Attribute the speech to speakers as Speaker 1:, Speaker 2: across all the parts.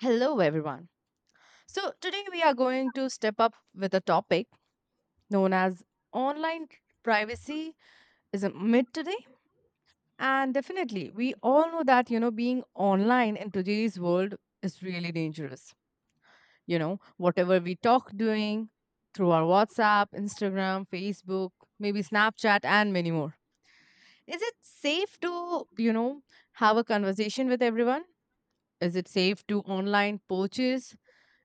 Speaker 1: Hello, everyone. So, today we are going to step up with a topic known as online privacy is a myth today. And definitely, we all know that, being online in today's world is really dangerous. Whatever we talk doing through our WhatsApp, Instagram, Facebook, maybe Snapchat, and many more. Is it safe to, have a conversation with everyone? Is it safe to online purchase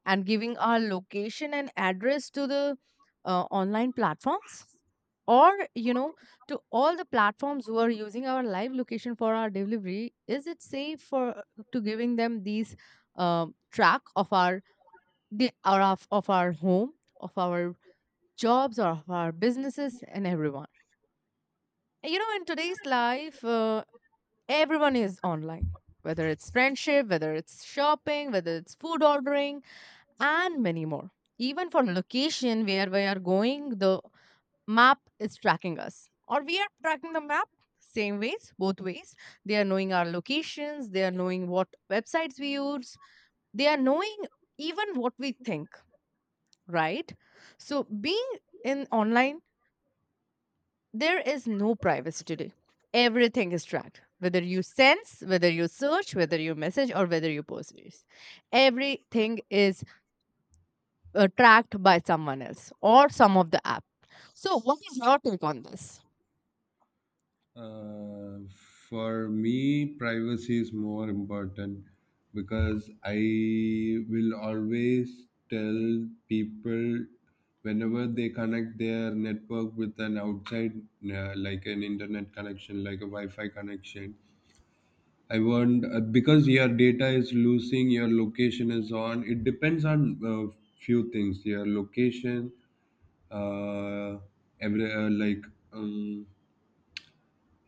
Speaker 1: and giving our location and address to the online platforms or to all the platforms who are using our live location for our delivery? Is it safe for to giving them these track of our or of our home, of our jobs, or of our businesses and everyone? In today's life, everyone is online, whether it's friendship, whether it's shopping, whether it's food ordering, and many more. Even for location where we are going, the map is tracking us, or we are tracking the map, same ways, both ways. They are knowing our locations, they are knowing what websites we use, they are knowing even what we think, right? So, being in online, there is no privacy today. Everything is tracked, whether you sense, whether you search, whether you message, or whether you post. Everything is tracked by someone else or some of the app. So, what is your take on this?
Speaker 2: Uh, for me, privacy is more important because I will always tell people whenever they connect their network with an outside, like an internet connection, like a Wi Fi connection. I want, because your data is losing, your location is on. It depends on few things: your location, uh, every, like. Um,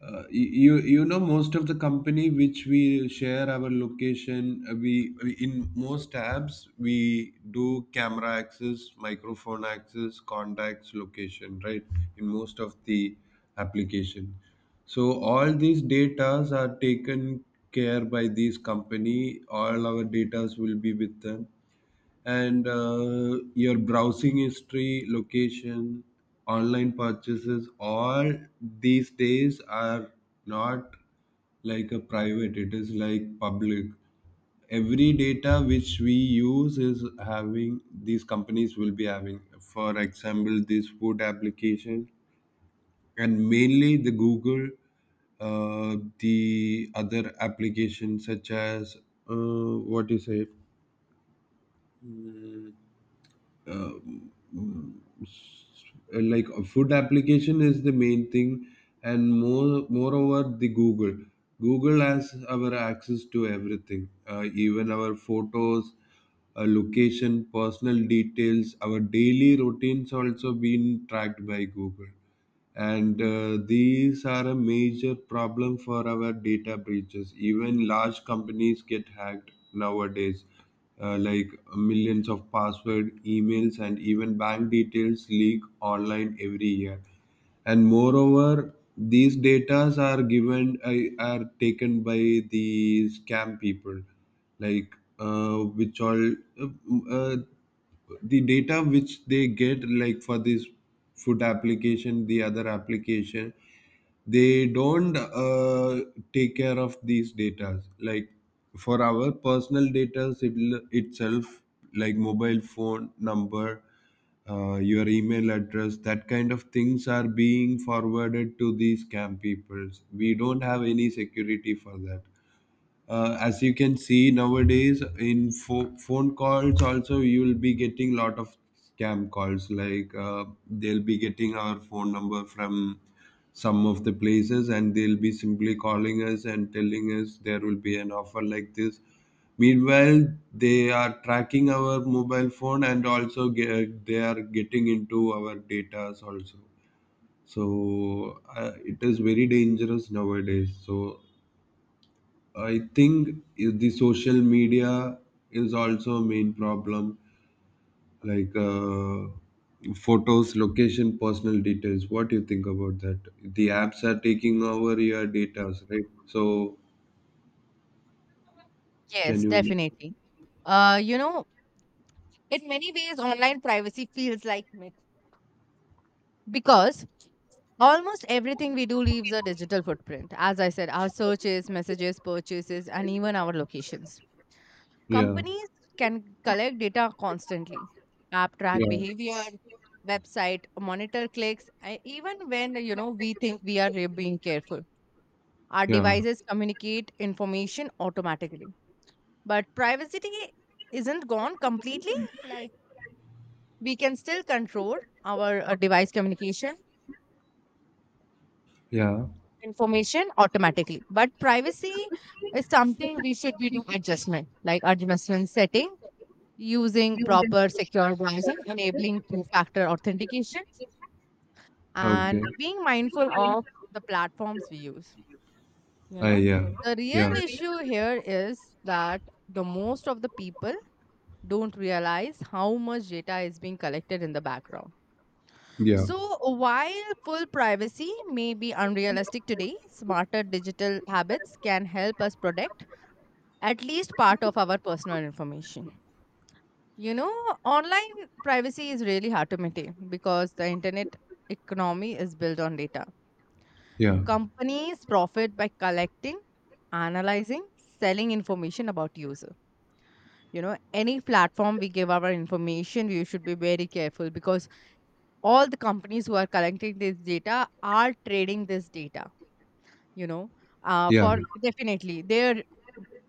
Speaker 2: Most of the company which we share our location, we, in most tabs, we do camera access, microphone access, contacts, location, right? In most of the application, so all these datas are taken care by these company. All our datas will be with them. And your browsing history, location, online purchases, all these days are not like a private, it is like public. Every data which we use is having these companies will be having, for example, this food application and mainly the Google, the other applications such as, what do you say? Hmm um, mm, like a food application is the main thing. And moreover the Google has our access to everything, even our photos, location, personal details, our daily routines also been tracked by Google. And these are a major problem for our data breaches. Even large companies get hacked nowadays, like millions of password emails and even bank details leak online every year. And moreover these datas are given, are taken by the scam people, like, which all, uh, uh, the data which they get, like for this food application, the other application, they don't take care of these data, like for our personal data itself, like mobile phone number, your email address. That kind of things are being forwarded to these scam people. We don't have any security for that. As you can see nowadays, in phone calls also, you will be getting lot of scam calls, like, they'll be getting our phone number from some of the places, and they'll be simply calling us and telling us there will be an offer like this. Meanwhile, they are tracking our mobile phone and also they are getting into our data also. So it is very dangerous nowadays. So I think the social media is also a main problem, like, photos, location, personal details. What do you think about that? The apps are taking over your data, right? So can
Speaker 1: Yes,
Speaker 2: you?
Speaker 1: definitely. Uh, you know, in many ways, online privacy feels like myth because almost everything we do leaves a digital footprint. As I said, our searches, messages, purchases, and even our locations.
Speaker 2: Yeah,
Speaker 1: Companies can collect data constantly. App track
Speaker 2: yeah,
Speaker 1: behavior, website monitor clicks, and even when we think we are being careful. Our
Speaker 2: yeah,
Speaker 1: devices communicate information automatically. But privacy isn't gone completely. Like we can still control our device communication
Speaker 2: yeah.
Speaker 1: information automatically. But privacy is something we should be doing adjustment, like adjustment setting, using proper secure browsing, enabling two factor authentication,
Speaker 2: Okay.
Speaker 1: and being mindful of the platforms we use. You
Speaker 2: I,
Speaker 1: know,
Speaker 2: yeah,
Speaker 1: the real
Speaker 2: yeah,
Speaker 1: issue here is that the most of the people don't realize how much data is being collected in the background.
Speaker 2: yeah,
Speaker 1: So, while full privacy may be unrealistic today, smarter digital habits can help us protect at least part of our personal information. You know, online privacy is really hard to maintain because the internet economy is built on data.
Speaker 2: yeah,
Speaker 1: Companies profit by collecting, analyzing, selling information about user. You know, any platform we give our information, we should be very careful because all the companies who are collecting this data are trading this data, you know,
Speaker 2: yeah.
Speaker 1: for definitely their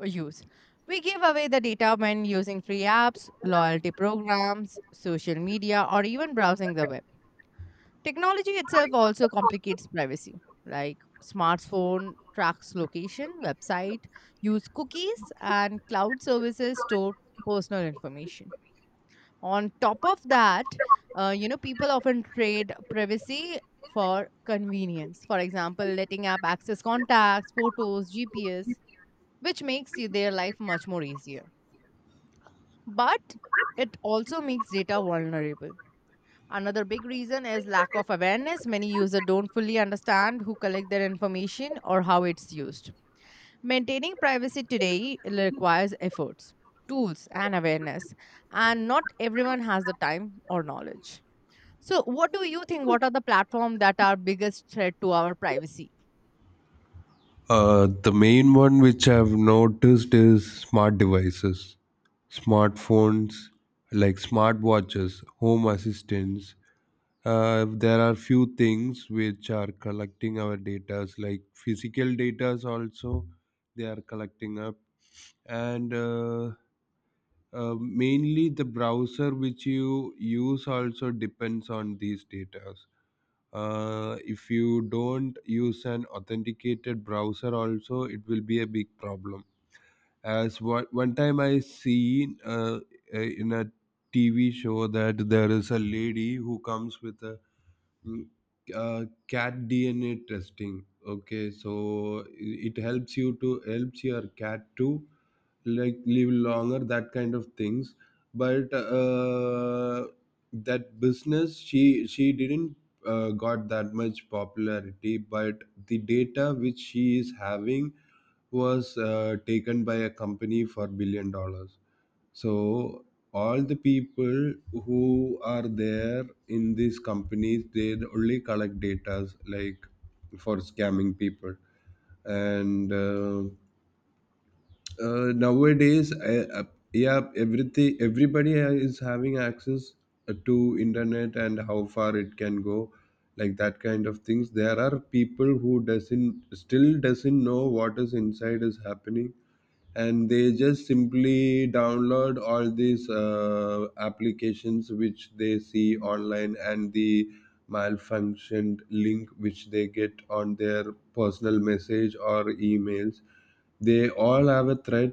Speaker 1: use. We give away the data when using free apps, loyalty programs, social media, or even browsing the web. Technology itself also complicates privacy, like smartphone tracks location, website, use cookies, and cloud services store personal information. On top of that, people often trade privacy for convenience. For example, letting app access contacts, photos, GPS, which makes their life much more easier. But it also makes data vulnerable. Another big reason is lack of awareness. Many users don't fully understand who collect their information or how it's used. Maintaining privacy today requires efforts, tools, and awareness, and not everyone has the time or knowledge. So, what do you think? What are the platforms that are biggest threat to our privacy?
Speaker 2: The main one which I've noticed is smart devices, smartphones, like smartwatches, home assistants. There are few things which are collecting our data, like physical data also they are collecting up. And mainly the browser which you use also depends on these data. If you don't use an authenticated browser also, it will be a big problem. As one time I seen, in a TV show, that there is a lady who comes with a mm, cat DNA testing, okay, so it helps you to helps your cat to, like, live longer, that kind of things. But that business, she didn't got that much popularity. But the data which she is having was taken by a company for billion dollars. So all the people who are there in these companies, they only collect data, like for scamming people. And nowadays, yeah, everything, everybody is having access to internet and how far it can go, like that kind of things. There are people who doesn't still doesn't know what is inside is happening, and they just simply download all these applications which they see online, and the malfunctioned link which they get on their personal message or emails, they all have a threat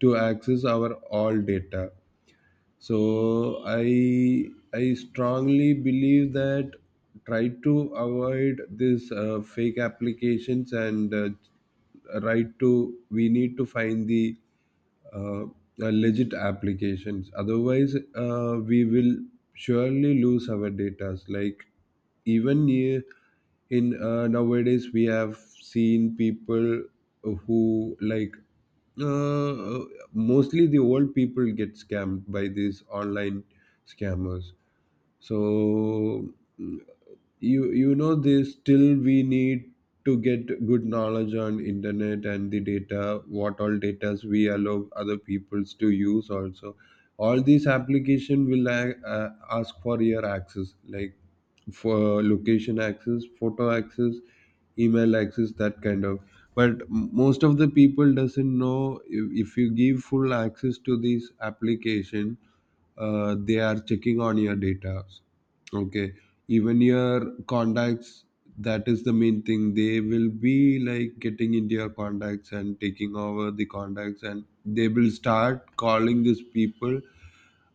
Speaker 2: to access our all data. So I strongly believe that, try to avoid this fake applications, and right to we need to find the uh, uh, legit applications. Otherwise, we will surely lose our data. Like, even in, nowadays, we have seen people who, like, uh, uh, mostly the old people get scammed by these online scammers. So mm, this still we need to get good knowledge on internet, and the data, what all data we allow other peoples to use also. All these application will, ask for your access, like for location access, photo access, email access, that kind of. But most of the people doesn't know, if you give full access to this application, they are checking on your data. Okay. Even your contacts, that is the main thing. They will be like getting into your contacts and taking over the contacts, and they will start calling these people,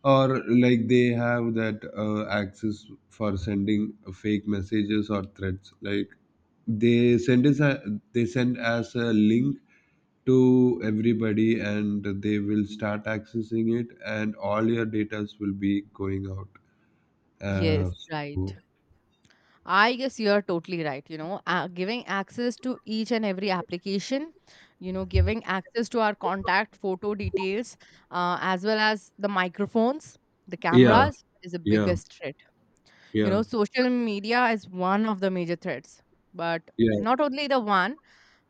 Speaker 2: or like they have that access for sending fake messages or threats. Like, they send us a, they send us a link to everybody, and they will start accessing it, and all your data will be going out. Uh,
Speaker 1: Yes,
Speaker 2: so,
Speaker 1: right. I guess you are totally right. Giving access to each and every application, giving access to our contact photo details, as well as the microphones, the
Speaker 2: yeah,
Speaker 1: cameras is the
Speaker 2: yeah,
Speaker 1: biggest threat. You
Speaker 2: yeah,
Speaker 1: know, social media is one of the major threats, but
Speaker 2: yeah,
Speaker 1: not only the one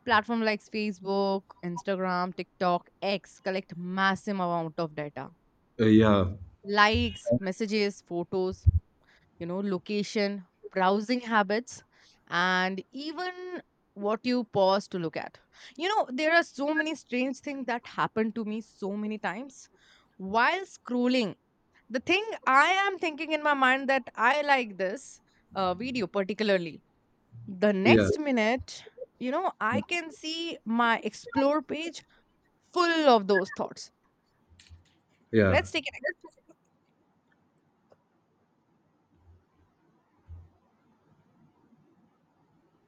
Speaker 1: platform like Facebook, Instagram, TikTok, X collect massive amount of data:
Speaker 2: yeah,
Speaker 1: likes, messages, photos, you know, location, browsing habits, and even what you pause to look at. You know, there are so many strange things that happen to me so many times while scrolling. The thing I am thinking in my mind that I like this video particularly. The
Speaker 2: yeah,
Speaker 1: next minute, you know, I can see my explore page full of those thoughts.
Speaker 2: yeah,
Speaker 1: Let's take an ex-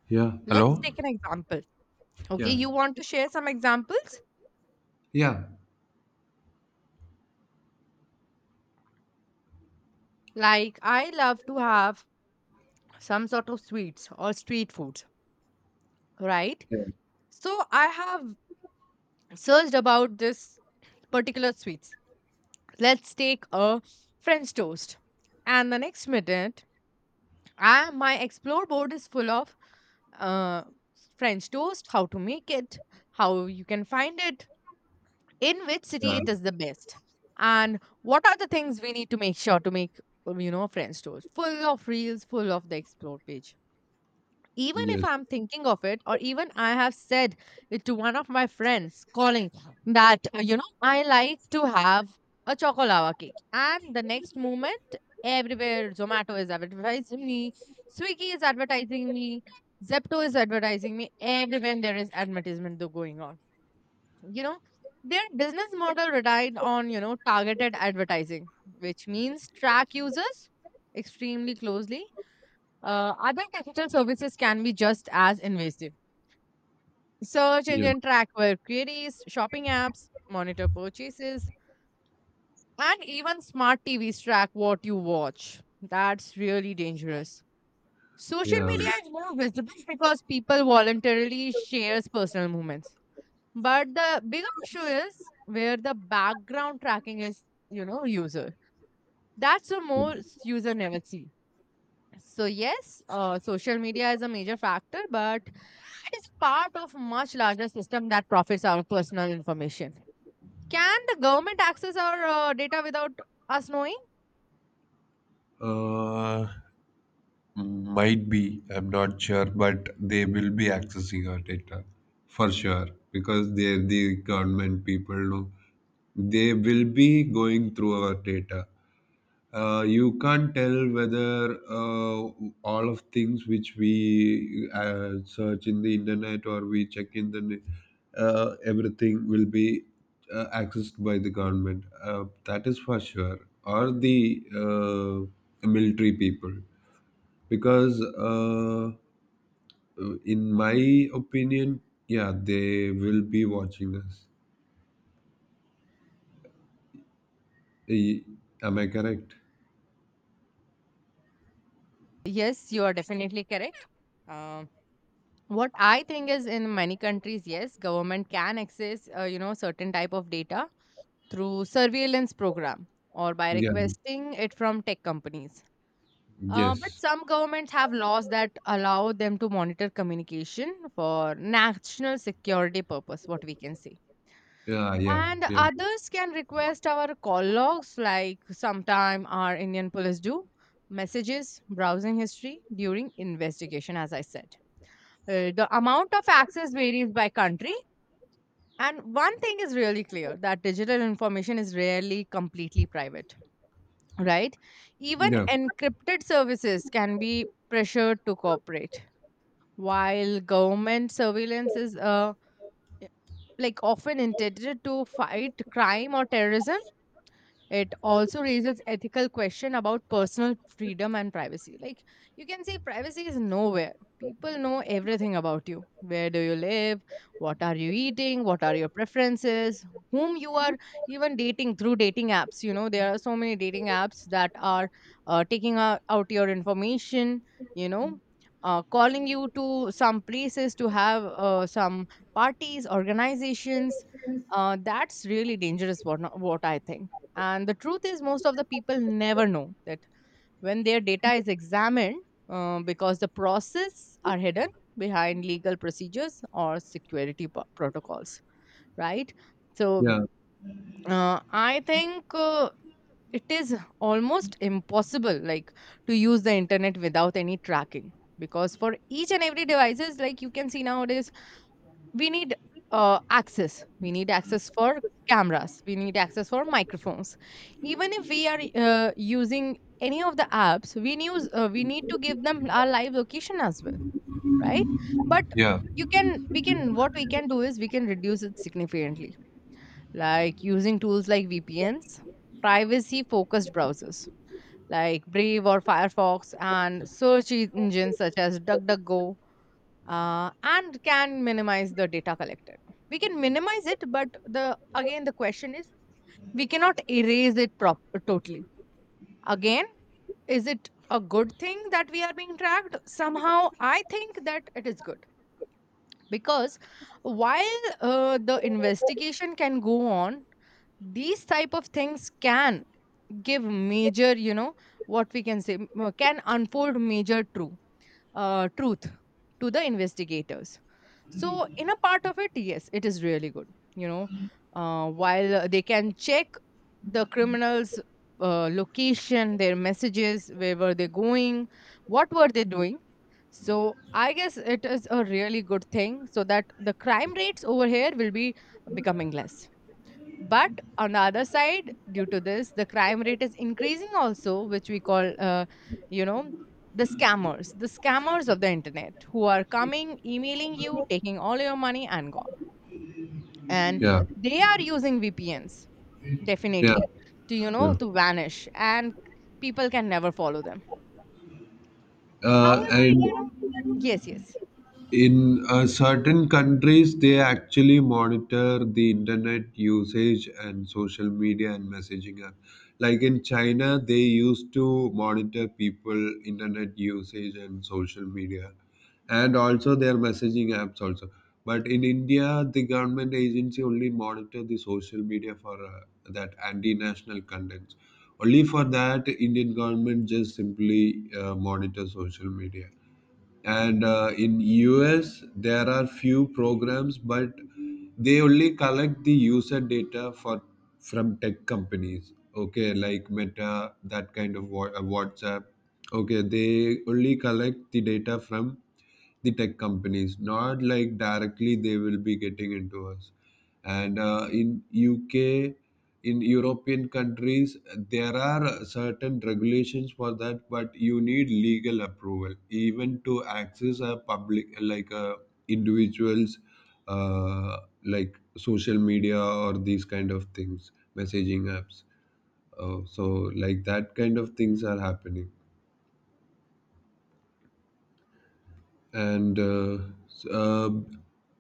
Speaker 2: yeah.
Speaker 1: let's
Speaker 2: Hello?
Speaker 1: take an example. Okay,
Speaker 2: Yeah,
Speaker 1: you want to share some examples?
Speaker 2: yeah,
Speaker 1: Like, I love to have some sort of sweets or street foods, right?
Speaker 2: yeah,
Speaker 1: So, I have searched about this particular sweets. Let's take a French toast. And the next minute, my explore board is full of uh, French toast, how to make it, how you can find it, in which city
Speaker 2: yeah.
Speaker 1: it is the best, and what are the things we need to make sure to make you know, friends tours, full of reels, full of the explore page, even if
Speaker 2: Yes,
Speaker 1: I'm thinking of it, or even I have said it to one of my friends calling that you know, I like to have a chocolava cake. And the next moment, everywhere Zomato is advertising me, Swiggy is advertising me, Zepto is advertising me, everywhere there is advertisement though going on. You know, their business model relied on, you know, targeted advertising, which means track users extremely closely. Other digital services can be just as invasive. Search
Speaker 2: yeah,
Speaker 1: engine track web queries, shopping apps monitor purchases, and even smart TVs track what you watch. That's really dangerous. Social
Speaker 2: yeah.
Speaker 1: media is more visible because people voluntarily shares personal moments. But the bigger issue is where the background tracking is, you know, user. That's the most user never see. So yes, social media is a major factor, but it's part of much larger system that profits our personal information. Can the government access our data without us knowing?
Speaker 2: Uh, might be, I'm not sure, but they will be accessing our data for sure because they're the government people. No? They will be going through our data. You can't tell whether, all of things which we search in the internet or we check in the everything will be accessed by the government. That is for sure, or the military people, because, in my opinion, yeah, they will be watching us. Eh, Am I correct?
Speaker 1: Yes, you are definitely correct. Um, what I think is in many countries, yes, government can access, certain type of data through surveillance program or by
Speaker 2: Yeah.
Speaker 1: requesting it from tech companies. But
Speaker 2: Yes.
Speaker 1: some governments have laws that allow them to monitor communication for national security purpose, what we can say.
Speaker 2: Yeah. Yeah.
Speaker 1: And
Speaker 2: Yeah.
Speaker 1: others can request our call logs, like sometime our Indian police do, messages, browsing history during investigation, as I said. The amount of access varies by country. And one thing is really clear that digital information is rarely completely private, right? Even
Speaker 2: Yeah.
Speaker 1: encrypted services can be pressured to cooperate, while government surveillance is like often intended to fight crime or terrorism. It also raises ethical question about personal freedom and privacy. Like you can say privacy is nowhere. People know everything about you. Where do you live? What are you eating? What are your preferences? Whom you are even dating through dating apps. You know, there are so many dating apps that are taking out your information, you know, calling you to some places to have some parties, organizations. That's really dangerous, what I think. And the truth is, most of the people never know that when their data is examined, because the process are hidden behind legal procedures or security protocols, right? So
Speaker 2: Yeah.
Speaker 1: uh, I think it is almost impossible, like to use the internet without any tracking because for each and every devices, like you can see nowadays, we need access for cameras, we need access for microphones. Even if we are using any of the apps we use, we need to give them our live location as well, right? but
Speaker 2: Yeah.
Speaker 1: you can we can, what we can do is we can reduce it significantly, like using tools like VPNs, privacy focused browsers like Brave or Firefox, and search engines such as DuckDuckGo. And can minimize the data collected. We can minimize it, but the again the question is we cannot erase it totally. Again, is it a good thing that we are being tracked? Somehow, I think that it is good because while the investigation can go on, these type of things can give major, you know, what we can say, can unfold major truth to the investigators. So, in a part of it, yes, it is really good. You know, while they can check the criminals' location, their messages, where were they going, what were they doing. So, I guess it is a really good thing so that the crime rates over here will be becoming less. But on the other side, due to this, the crime rate is increasing also, which we call, you know, the scammers of the internet who are coming, emailing you, taking all your money and gone. And
Speaker 2: Yeah.
Speaker 1: they are using VPNs,
Speaker 2: Yeah.
Speaker 1: definitely, to,
Speaker 2: Yeah.
Speaker 1: to vanish. And people can never follow them. However,
Speaker 2: And
Speaker 1: you know, yes, yes.
Speaker 2: in certain countries, they actually monitor the internet usage and social media and messaging app, like in China, they used to monitor people internet usage and social media, and also their messaging apps also. But in India, the government agency only monitor the social media for that anti-national contents. Only for that, Indian government just simply monitor social media. And in US, there are few programs, but they only collect the user data for from tech companies, okay, like Meta, that kind of, WhatsApp. Okay, they only collect the data from the tech companies, not like directly they will be getting into us. And in UK, in European countries, there are certain regulations for that, but you need legal approval even to access a public, like a individuals, uh, like social media or these kind of things, messaging apps. So, like that kind of things are happening. And s- uh,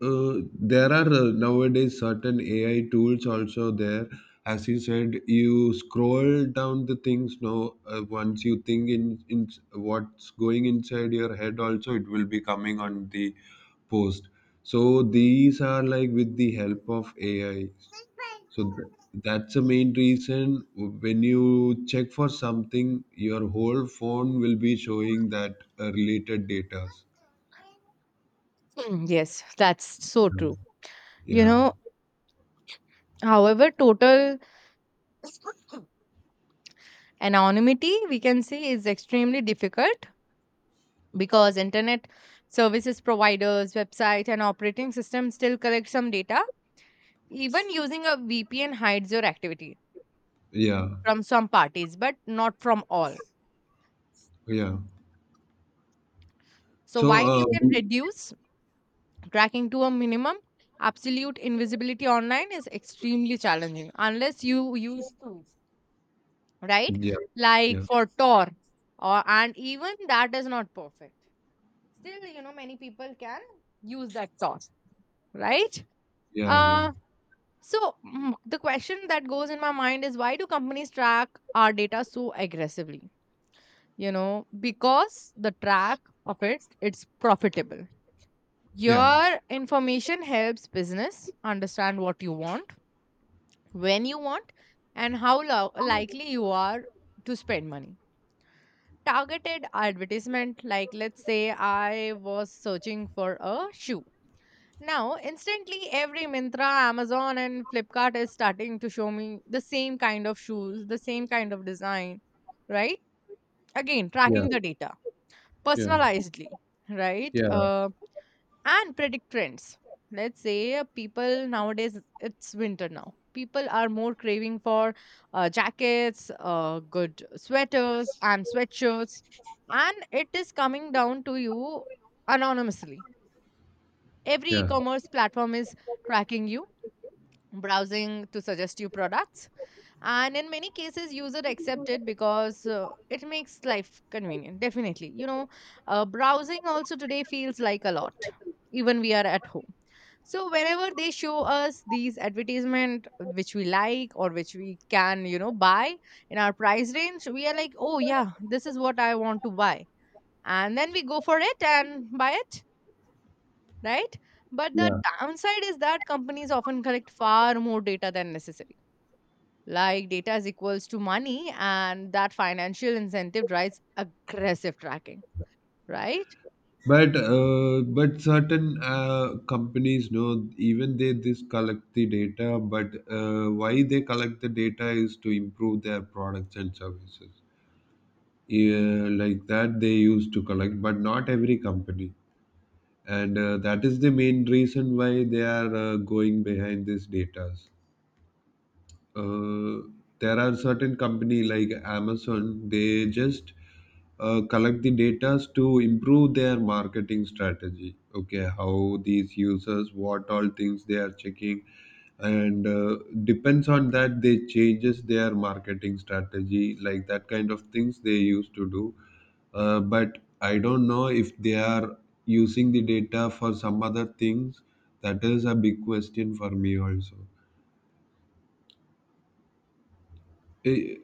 Speaker 2: uh, there are, nowadays, certain AI tools also there. As you said, you scroll down the things. Now, once you think in what's going inside your head, also it will be coming on the post. So these are like with the help of AI. So that's the main reason. When you check for something, your whole phone will be showing that related data.
Speaker 1: Mm, yes, that's so true. You
Speaker 2: Yeah,
Speaker 1: know, However, total anonymity, we can say, is extremely difficult because internet services providers website and operating systems still collect some data. Even using a VPN hides your activity
Speaker 2: yeah,
Speaker 1: from some parties but not from all.
Speaker 2: yeah.
Speaker 1: So
Speaker 2: So,
Speaker 1: while you can reduce tracking to a minimum, absolute invisibility online is extremely challenging unless you use tools, right?
Speaker 2: yeah,
Speaker 1: Like
Speaker 2: yeah,
Speaker 1: for Tor, or and even that is not perfect. Still, many people can use that Tor, right?
Speaker 2: yeah, yeah,
Speaker 1: Uh So, mm, the question that goes in my mind is why do companies track our data so aggressively? Because the track of it, it's profitable.
Speaker 2: yeah,
Speaker 1: Your information helps business understand what you want, when you want, and how likely you are to spend money. Targeted advertisement, like let's say I was searching for a shoe. Now, instantly, every Mintra, Amazon, and Flipkart is starting to show me the same kind of shoes, the same kind of design, right? Again,
Speaker 2: yeah,
Speaker 1: tracking the data
Speaker 2: yeah,
Speaker 1: personalizedly, right?
Speaker 2: yeah.
Speaker 1: And predict trends. Let's say people nowadays, it's winter now. People are more craving for jackets, good sweaters, and sweatshirts. And it is coming down to you anonymously. Every e
Speaker 2: Yeah.
Speaker 1: commerce platform is tracking you browsing to suggest you products. And in many cases user accept it because it makes life convenient definitely. Browsing also today feels like a lot, even we are at home. So whenever they show us these advertisement which we like or which we can buy in our price range, we are like, oh yeah, this is what I want to buy, and then we go for it and buy it, right? But the
Speaker 2: Yeah,
Speaker 1: downside is that companies often collect far more data than necessary, like data is equals to money and that financial incentive drives aggressive tracking, right?
Speaker 2: but certain companies know even they this collect the data, but why they collect the data is to improve their products and services. Yeah, like that they used to collect, but not every company. And that is the main reason why they are going behind these data. uh, there are certain company like Amazon, they just collect the data to improve their marketing strategy, okay, how these users, what all things they are checking. And depends on that, they changes their marketing strategy, like that kind of things they used to do. But I don't know if they are using the data for some other things. That is a big question for me also. Eh, eh,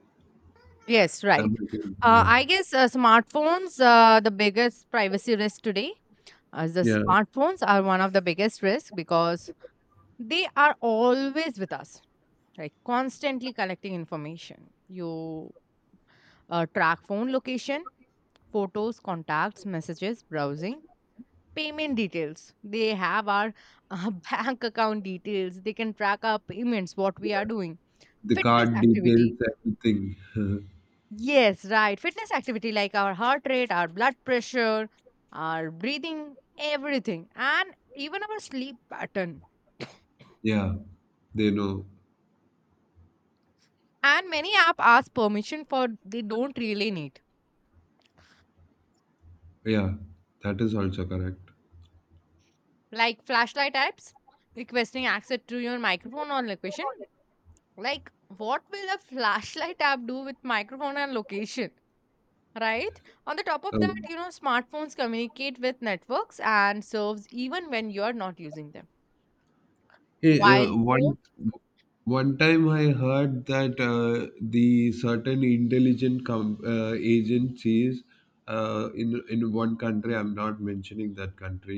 Speaker 1: Yes, right.
Speaker 2: I'm okay, yeah.
Speaker 1: I guess smartphones, the biggest privacy risk today, as the
Speaker 2: Yeah,
Speaker 1: smartphones are one of the biggest risks because they are always with us, right? Constantly collecting information, you track phone location, photos, contacts, messages, browsing, payment details. They have our bank account details. They can track our payments, what we are doing.
Speaker 2: the
Speaker 1: Fitness
Speaker 2: card
Speaker 1: activity.
Speaker 2: details, everything.
Speaker 1: Yes, right. Fitness activity like our heart rate, our blood pressure, our breathing, everything, and even our sleep pattern.
Speaker 2: Yeah, they know.
Speaker 1: And many app ask permission for they don't really need.
Speaker 2: Yeah, that is also correct.
Speaker 1: Like flashlight apps requesting access to your microphone or location. Like what will a flashlight app do with microphone and location? Right, on the top of that,
Speaker 2: Uh,
Speaker 1: smartphones communicate with networks and serves even when you are not using them.
Speaker 2: Hey,
Speaker 1: While phone,
Speaker 2: One time I heard that the certain intelligent agencies, in one country, I'm not mentioning that country,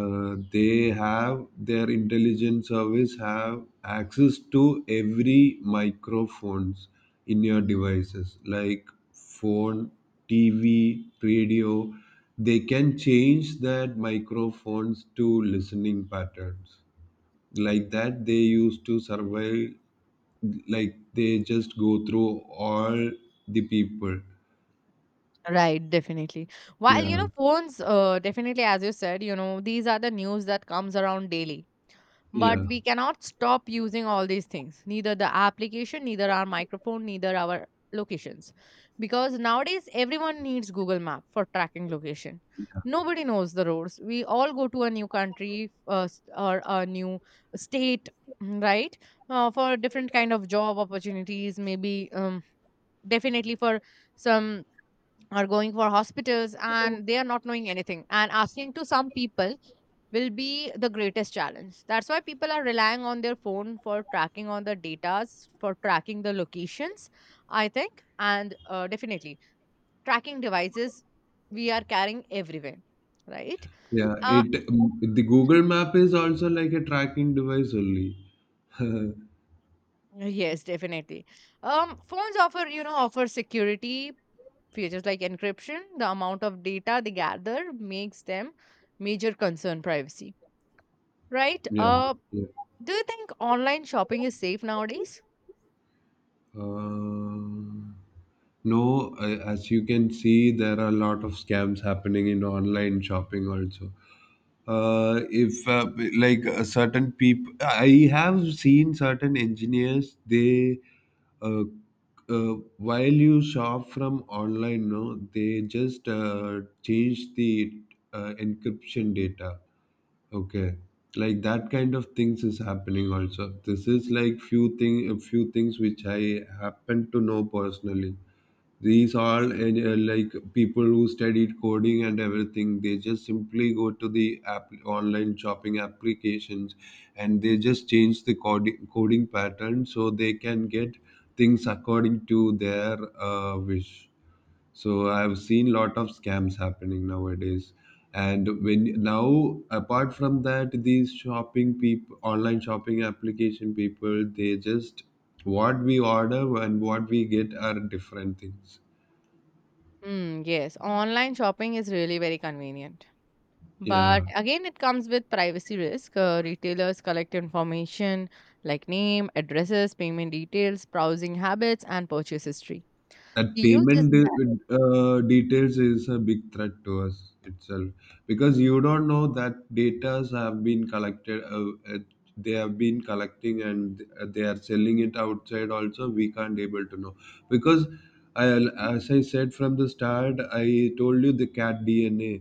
Speaker 2: they have their intelligence service have access to every microphones in your devices, like phone, TV, radio. They can change that microphones to listening patterns, like that they used to survey, like they just go through all the people.
Speaker 1: right, definitely. while you
Speaker 2: Yeah,
Speaker 1: know phones, definitely, as you said, these are the news that comes around daily. But
Speaker 2: yeah,
Speaker 1: we cannot stop using all these things, neither the application, neither our microphone, neither our locations, because nowadays everyone needs Google Map for tracking location.
Speaker 2: yeah,
Speaker 1: Nobody knows the roads. We all go to a new country, or a new state. Right. For different kind of job opportunities maybe, definitely for some are going for hospitals and they are not knowing anything and asking to some people will be the greatest challenge. That's why people are relying on their phone for tracking on the datas, for tracking the locations, I think, and definitely tracking devices we are carrying everywhere, right?
Speaker 2: yeah,
Speaker 1: Uh,
Speaker 2: it. The Google map is also like a tracking device only.
Speaker 1: yes, definitely. Phones offer, offer security features like encryption. The amount of data they gather makes them major concern privacy, right?
Speaker 2: Yeah, yeah.
Speaker 1: Do you think online shopping is safe nowadays?
Speaker 2: Um no, as you can see, there are a lot of scams happening in online shopping also. If, like, certain people, I have seen certain engineers, they, uh, while you shop from online, no, they just change the encryption data, okay, like that kind of things is happening also. This is like few thing a few things which I happen to know personally. These are like people who studied coding and everything. They just simply go to the app, online shopping applications, and they just change the coding pattern so they can get things according to their wish. So I've seen lot of scams happening nowadays. And when now, apart from that, these shopping people, online shopping application people, they just what we order and what we get are different things.
Speaker 1: Hmm. Yes, online shopping is really very convenient. But
Speaker 2: Yeah,
Speaker 1: again, it comes with privacy risk. Retailers collect information like name, addresses, payment details, browsing habits, and purchase history.
Speaker 2: that
Speaker 1: The use is
Speaker 2: payment details is a big threat to us itself, because you don't know that datas have been collected. They have been collecting, and they are selling it outside. Also, we can't able to know, because I, as I said from the start, I told you the cat DNA,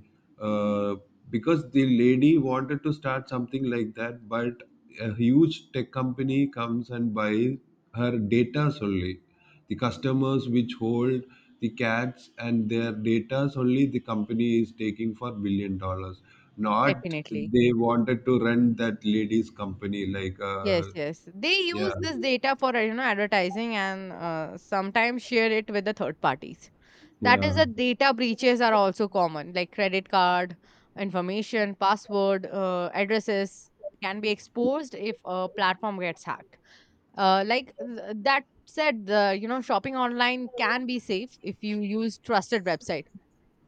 Speaker 2: uh, because the lady wanted to start something like that, but a huge tech company comes and buys her data only. The customers which hold the cats and their data only, the company is taking for billion dollars. Not
Speaker 1: definitely.
Speaker 2: they wanted to run that lady's company, like.
Speaker 1: Yes, yes. They
Speaker 2: Yeah,
Speaker 1: use this data for advertising and sometimes share it with the third parties. That is
Speaker 2: yeah,
Speaker 1: the data breaches are also common, like credit card information, password, addresses can be exposed if a platform gets hacked. That said, the you know shopping online can be safe if you use trusted website,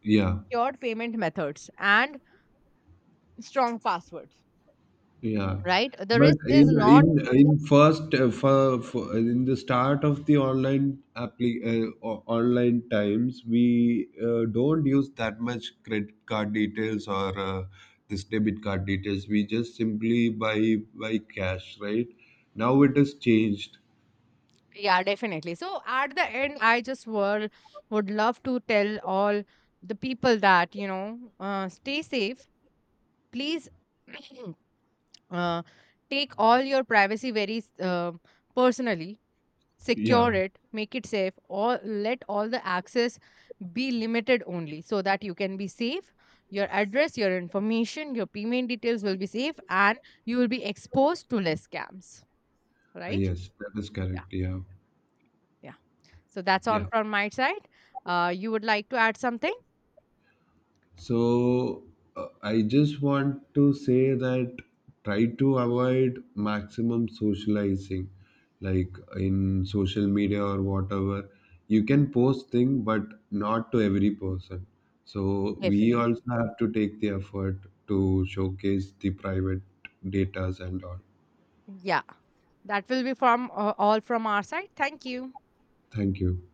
Speaker 2: yeah.
Speaker 1: secured payment methods, and strong passwords.
Speaker 2: Yeah,
Speaker 1: Right? The
Speaker 2: but
Speaker 1: risk is
Speaker 2: in
Speaker 1: not.
Speaker 2: in in first, for in the start of the online online times, we don't use that much credit card details or this debit card details. We just simply buy cash, right? Now it has changed.
Speaker 1: Yeah, definitely. So at the end, would love to tell all the people that, stay safe. Please uh, take all your privacy very personally,
Speaker 2: Yeah.
Speaker 1: secure it, make it safe, or let all the access be limited only so that you can be safe. Your address, your information, your payment details will be safe and you will be exposed to less scams, right?
Speaker 2: Yes, that is
Speaker 1: Yeah.
Speaker 2: correct. Yeah.
Speaker 1: So that's on
Speaker 2: Yeah.
Speaker 1: from my side. You would like to add something?
Speaker 2: So I just want to say that, try to avoid maximum socializing, like in social media or whatever. You can post thing, but not to every person. So we also
Speaker 1: Definitely.
Speaker 2: have to take the effort to showcase the private datas and all.
Speaker 1: Yeah, that will be from all from our side. Thank you.
Speaker 2: Thank you.